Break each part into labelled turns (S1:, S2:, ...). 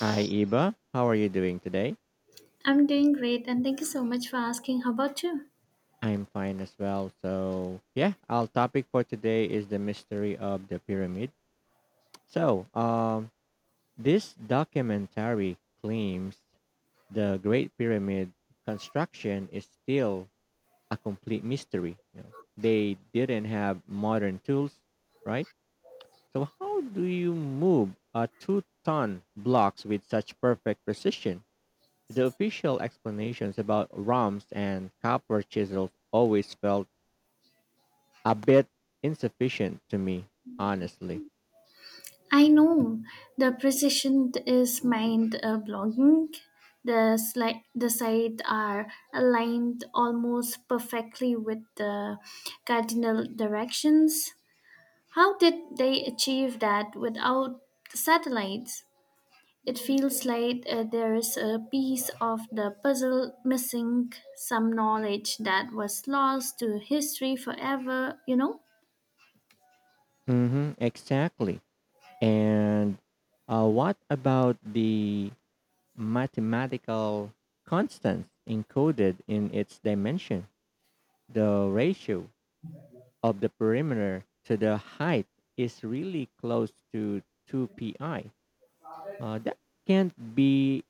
S1: Hi, Iba. How are you doing today?
S2: I'm doing great and thank you so much for asking. How about you?
S1: I'm fine as well. So, yeah, our topic for today is the mystery of the pyramid. So, um, this documentary claims the Great Pyramid construction is still a complete mystery. You know, they didn't have modern tools, right? So, how do you move a two-ton blocks with such perfect precision? The official explanations about romps and copper chisels always felt a bit insufficient to me, honestly.
S2: I know the precision is mind blogging. The sides are aligned almost perfectly with the cardinal directions. How did they achieve that without satellites? It feels like there is a piece of the puzzle missing, some knowledge that was lost to history forever, you know?
S1: Hmm, exactly. And what about the mathematical constants encoded in its dimension? The ratio of the perimeter to the height is really close to 2pi. That can't be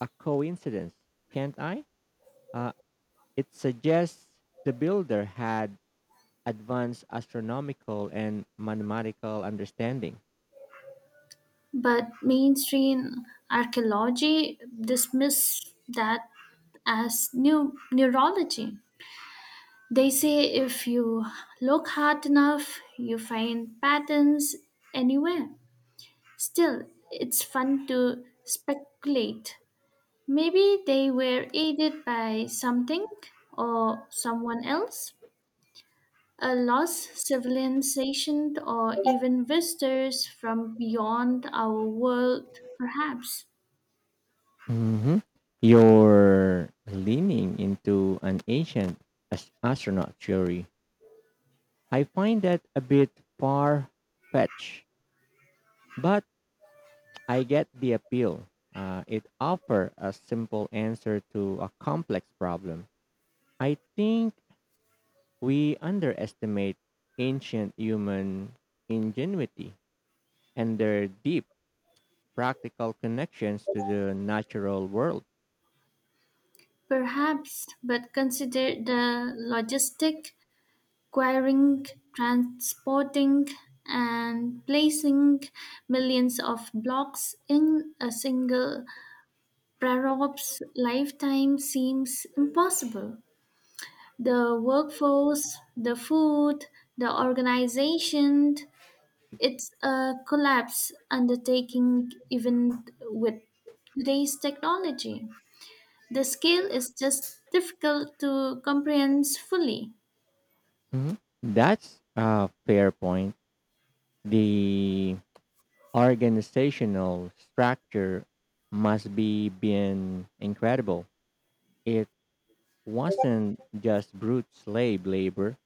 S1: a coincidence, can't I? Uh, it suggests the builder had advanced astronomical and mathematical understanding.
S2: But mainstream archaeology dismiss that as new neurology. They say if you look hard enough, you find patterns anywhere. Still, it's fun to speculate. Maybe they were aided by something or someone else, a lost civilization, or even visitors from beyond our world, perhaps.
S1: Hmm. You're leaning into an ancient astronaut theory. I find that a bit far fetched, but I get the appeal. It offers a simple answer to a complex problem. I think we underestimate ancient human ingenuity and their deep practical connections to the natural world.
S2: Perhaps, but consider the logistic, acquiring, transporting, and placing millions of blocks in a single prorab's lifetime seems impossible. The workforce, the food, the organization, it's a collapse undertaking even with today's technology. The scale is just difficult to comprehend fully,
S1: Mhm. That's a fair point. The organizational structure must be been incredible. It wasn't just brute slave labor.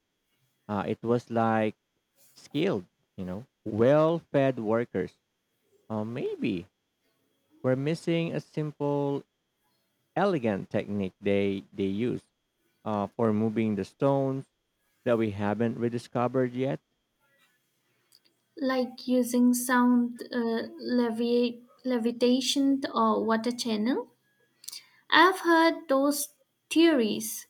S1: It was like skilled, you know, well-fed workers. Maybe we're missing a simple elegant technique they use for moving the stones that we haven't rediscovered yet.
S2: like using sound levitation or water channel. I've heard those theories.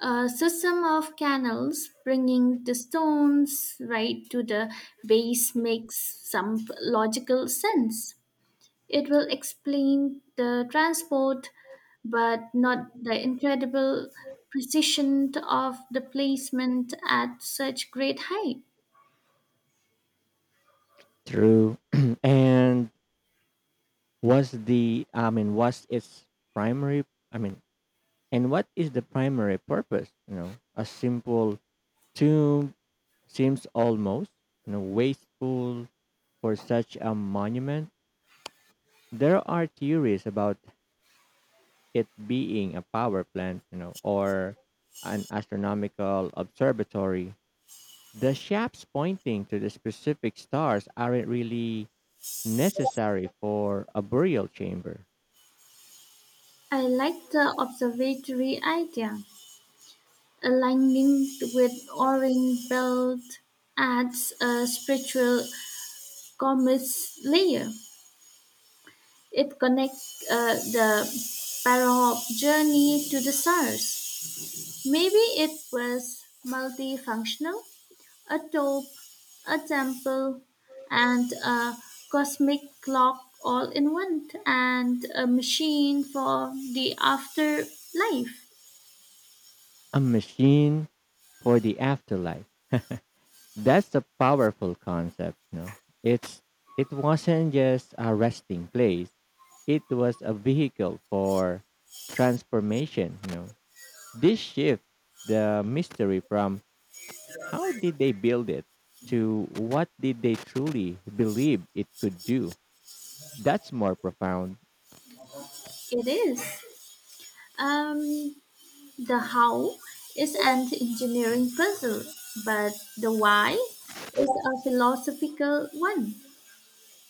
S2: A system of canals bringing the stones right to the base makes some logical sense. It will explain the transport, but not the incredible precision of the placement at such great height.
S1: True. and was the I mean was its primary I mean and what is the primary purpose? You know, a simple tomb seems almost, you know, wasteful for such a monument. There are theories about it being a power plant, you know, or an astronomical observatory. The shafts pointing to the specific stars aren't really necessary for a burial chamber.
S2: I like the observatory idea. Aligning with orange belt adds a spiritual commerce layer. It connects the Parahop journey to the stars. Maybe it was multifunctional. A taupe, a temple, and a cosmic clock all in one, and a machine for the afterlife.
S1: A machine for the afterlife. That's a powerful concept, no? It's it wasn't just a resting place. It was a vehicle for transformation, you know. This shift the mystery from how did they build it to what did they truly believe it could do. That's more profound.
S2: It is. Um, the how is an engineering puzzle, but the why is a philosophical one.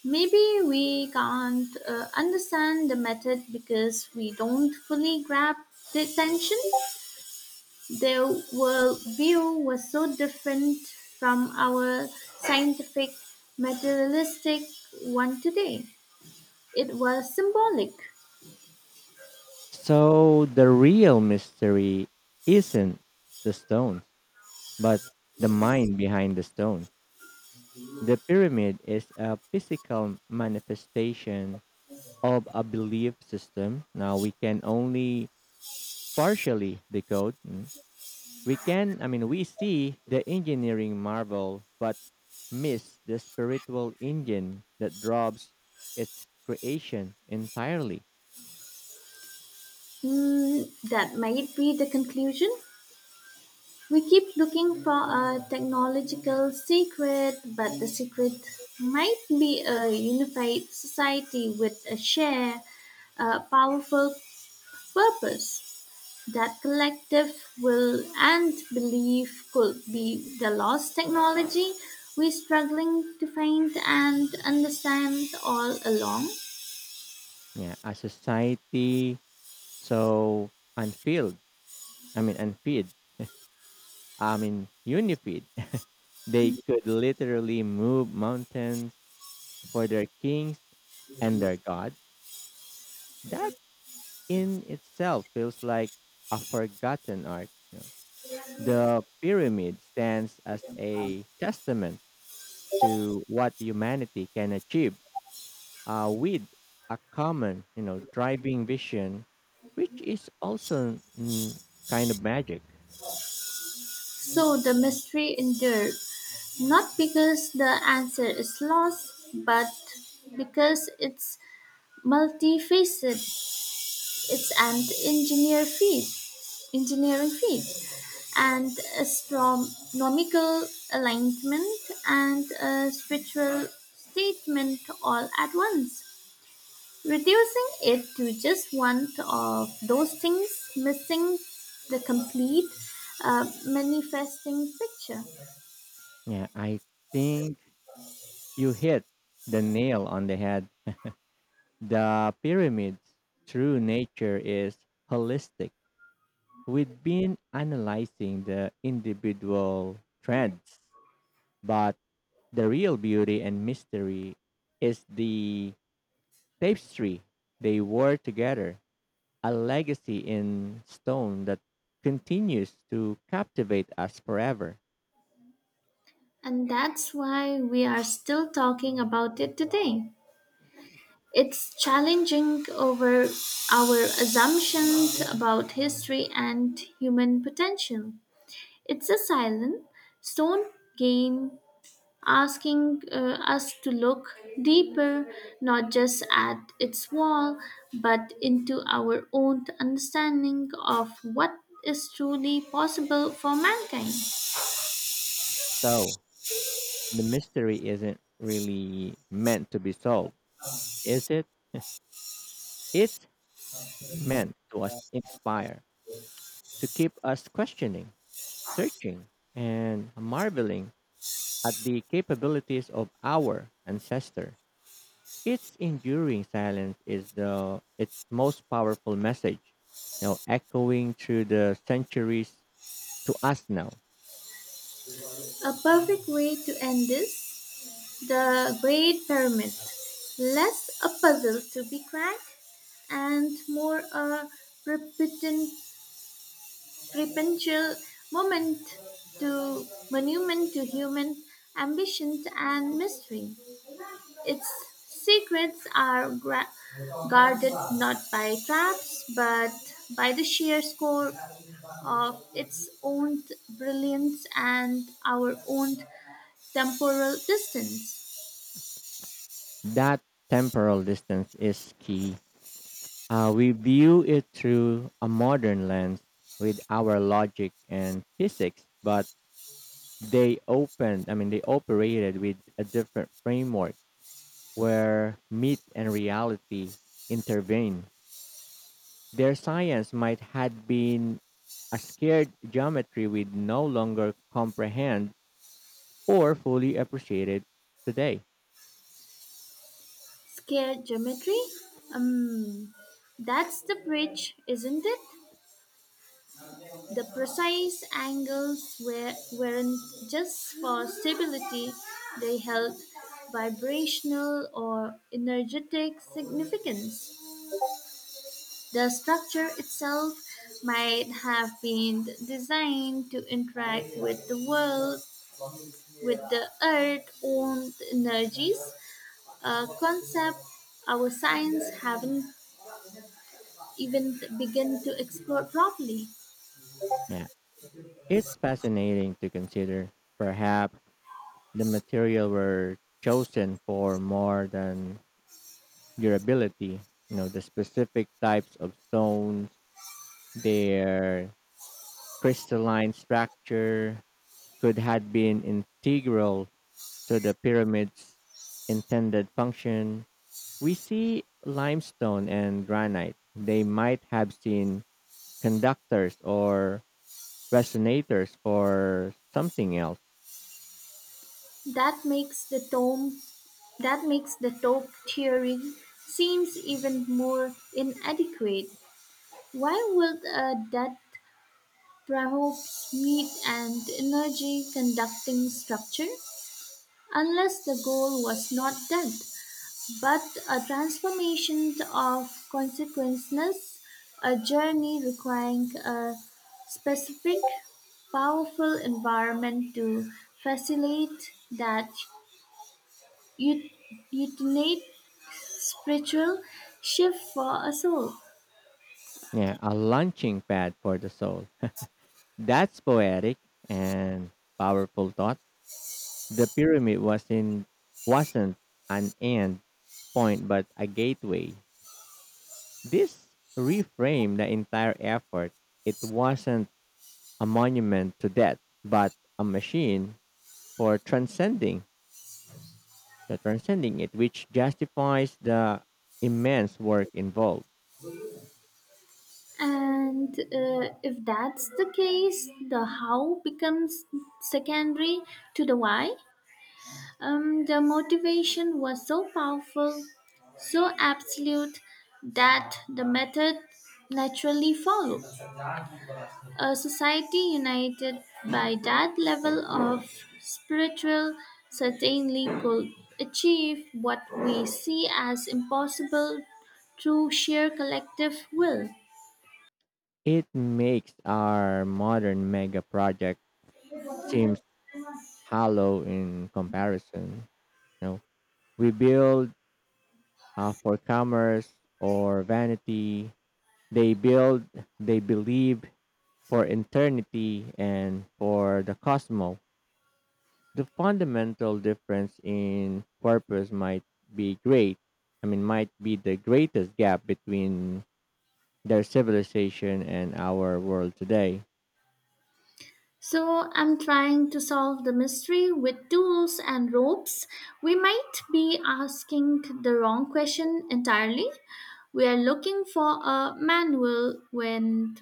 S2: Maybe we can't understand the method because we don't fully grab the tension. Their worldview was so different from our scientific, materialistic one today. It was symbolic.
S1: So the real mystery isn't the stones, but the mind behind the stone. The pyramid is a physical manifestation of a belief system. Now we can only partially decode. Mm. We can, I mean, we see the engineering marvel, but miss the spiritual engine that drives its creation entirely.
S2: Hmm, that might be the conclusion. We keep looking for a technological secret, but the secret might be a unified society with a shared, powerful purpose. That collective will and belief could be the lost technology we struggling to find and understand all along.
S1: Yeah, a society so unfilled, I mean, and feed. I mean, Unifeed. They could literally move mountains for their kings and their gods. That in itself feels like a forgotten art, you know. The pyramid stands as a testament to what humanity can achieve with a common, you know, driving vision, which is also, mm, kind of magic.
S2: So the mystery endured, not because the answer is lost, but because it's multifaceted. It's engineering feat, and astronomical alignment and a spiritual statement all at once, reducing it to just one of those things, missing the complete manifesting picture.
S1: Yeah, I think you hit the nail on the head. The pyramid's true nature is holistic. We've been analyzing the individual threads, but the real beauty and mystery is the tapestry they wore together, a legacy in stone that continues to captivate us forever.
S2: And that's why we are still talking about it today. It's challenging over our assumptions about history and human potential. It's a silent stone game asking us to look deeper, not just at its wall, but into our own understanding of what is truly possible for mankind.
S1: So, the mystery isn't really meant to be solved, is it? It's meant to us inspire, to keep us questioning, searching and marveling at the capabilities of our ancestor. Its enduring silence is the its most powerful message, now echoing through the centuries to us now.
S2: A perfect way to end this, the Great Pyramid. Less a puzzle to be cracked and more a repetition Prependial moment to monument to human ambition and mystery. Its secrets are gra- guarded not by traps but by the sheer score of its own brilliance and our own temporal distance.
S1: That temporal distance is key. We view it through a modern lens with our logic and physics, but they opened, I mean, they operated with a different framework where myth and reality intervene. Their science might had been a scared geometry we no longer comprehend or fully appreciated today.
S2: Scare geometry? Um, that's the bridge, isn't it? The precise angles were, weren't just for stability, they held vibrational or energetic significance. The structure itself might have been designed to interact with the world, with the earth's own energies, a concept our science haven't even begun to explore properly.
S1: Yeah, it's fascinating to consider. Perhaps the material were chosen for more than durability. You know, the specific types of stones, their crystalline structure could have been integral to the pyramid's intended function. We see limestone and granite. They might have seen conductors or resonators for something else.
S2: That makes the tomb That makes the top tiering seems even more inadequate. Why would a that perhaps meet an energy conducting structure? Unless the goal was not death, but a transformation of consequences, a journey requiring a specific, powerful environment to facilitate that ut- utinate spiritual shift for a soul.
S1: Yeah, a launching pad for the soul. That's poetic and powerful thought. The pyramid was in Wasn't an end point but a gateway. This reframed the entire effort. It wasn't a monument to death, but a machine for transcending it, which justifies the immense work involved.
S2: And if that's the case, the how becomes secondary to the why. The motivation was so powerful, so absolute, that the method naturally followed. A society united by that level of spiritual certainly could achieve what we see as impossible through sheer collective will.
S1: It makes our modern mega project seems hollow in comparison. You know, we build for commerce or vanity. They build, they believe for eternity and for the cosmos. The fundamental difference in purpose might be great. I mean, Might be the greatest gap between their civilization and our world today.
S2: So, I'm trying to solve the mystery with tools and ropes. We might be asking the wrong question entirely. We are looking for a manual when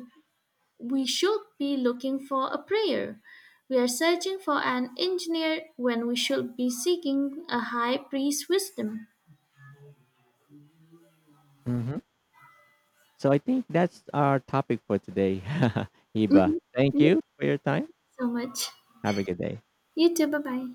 S2: we should be looking for a prayer. We are searching for an engineer when we should be seeking a high priest wisdom.
S1: Hmm. So I think that's our topic for today, Iba.
S2: Mhm.
S1: Thank
S2: Thank you
S1: you for your time.
S2: so much.
S1: Have a good day.
S2: You too, bye bye.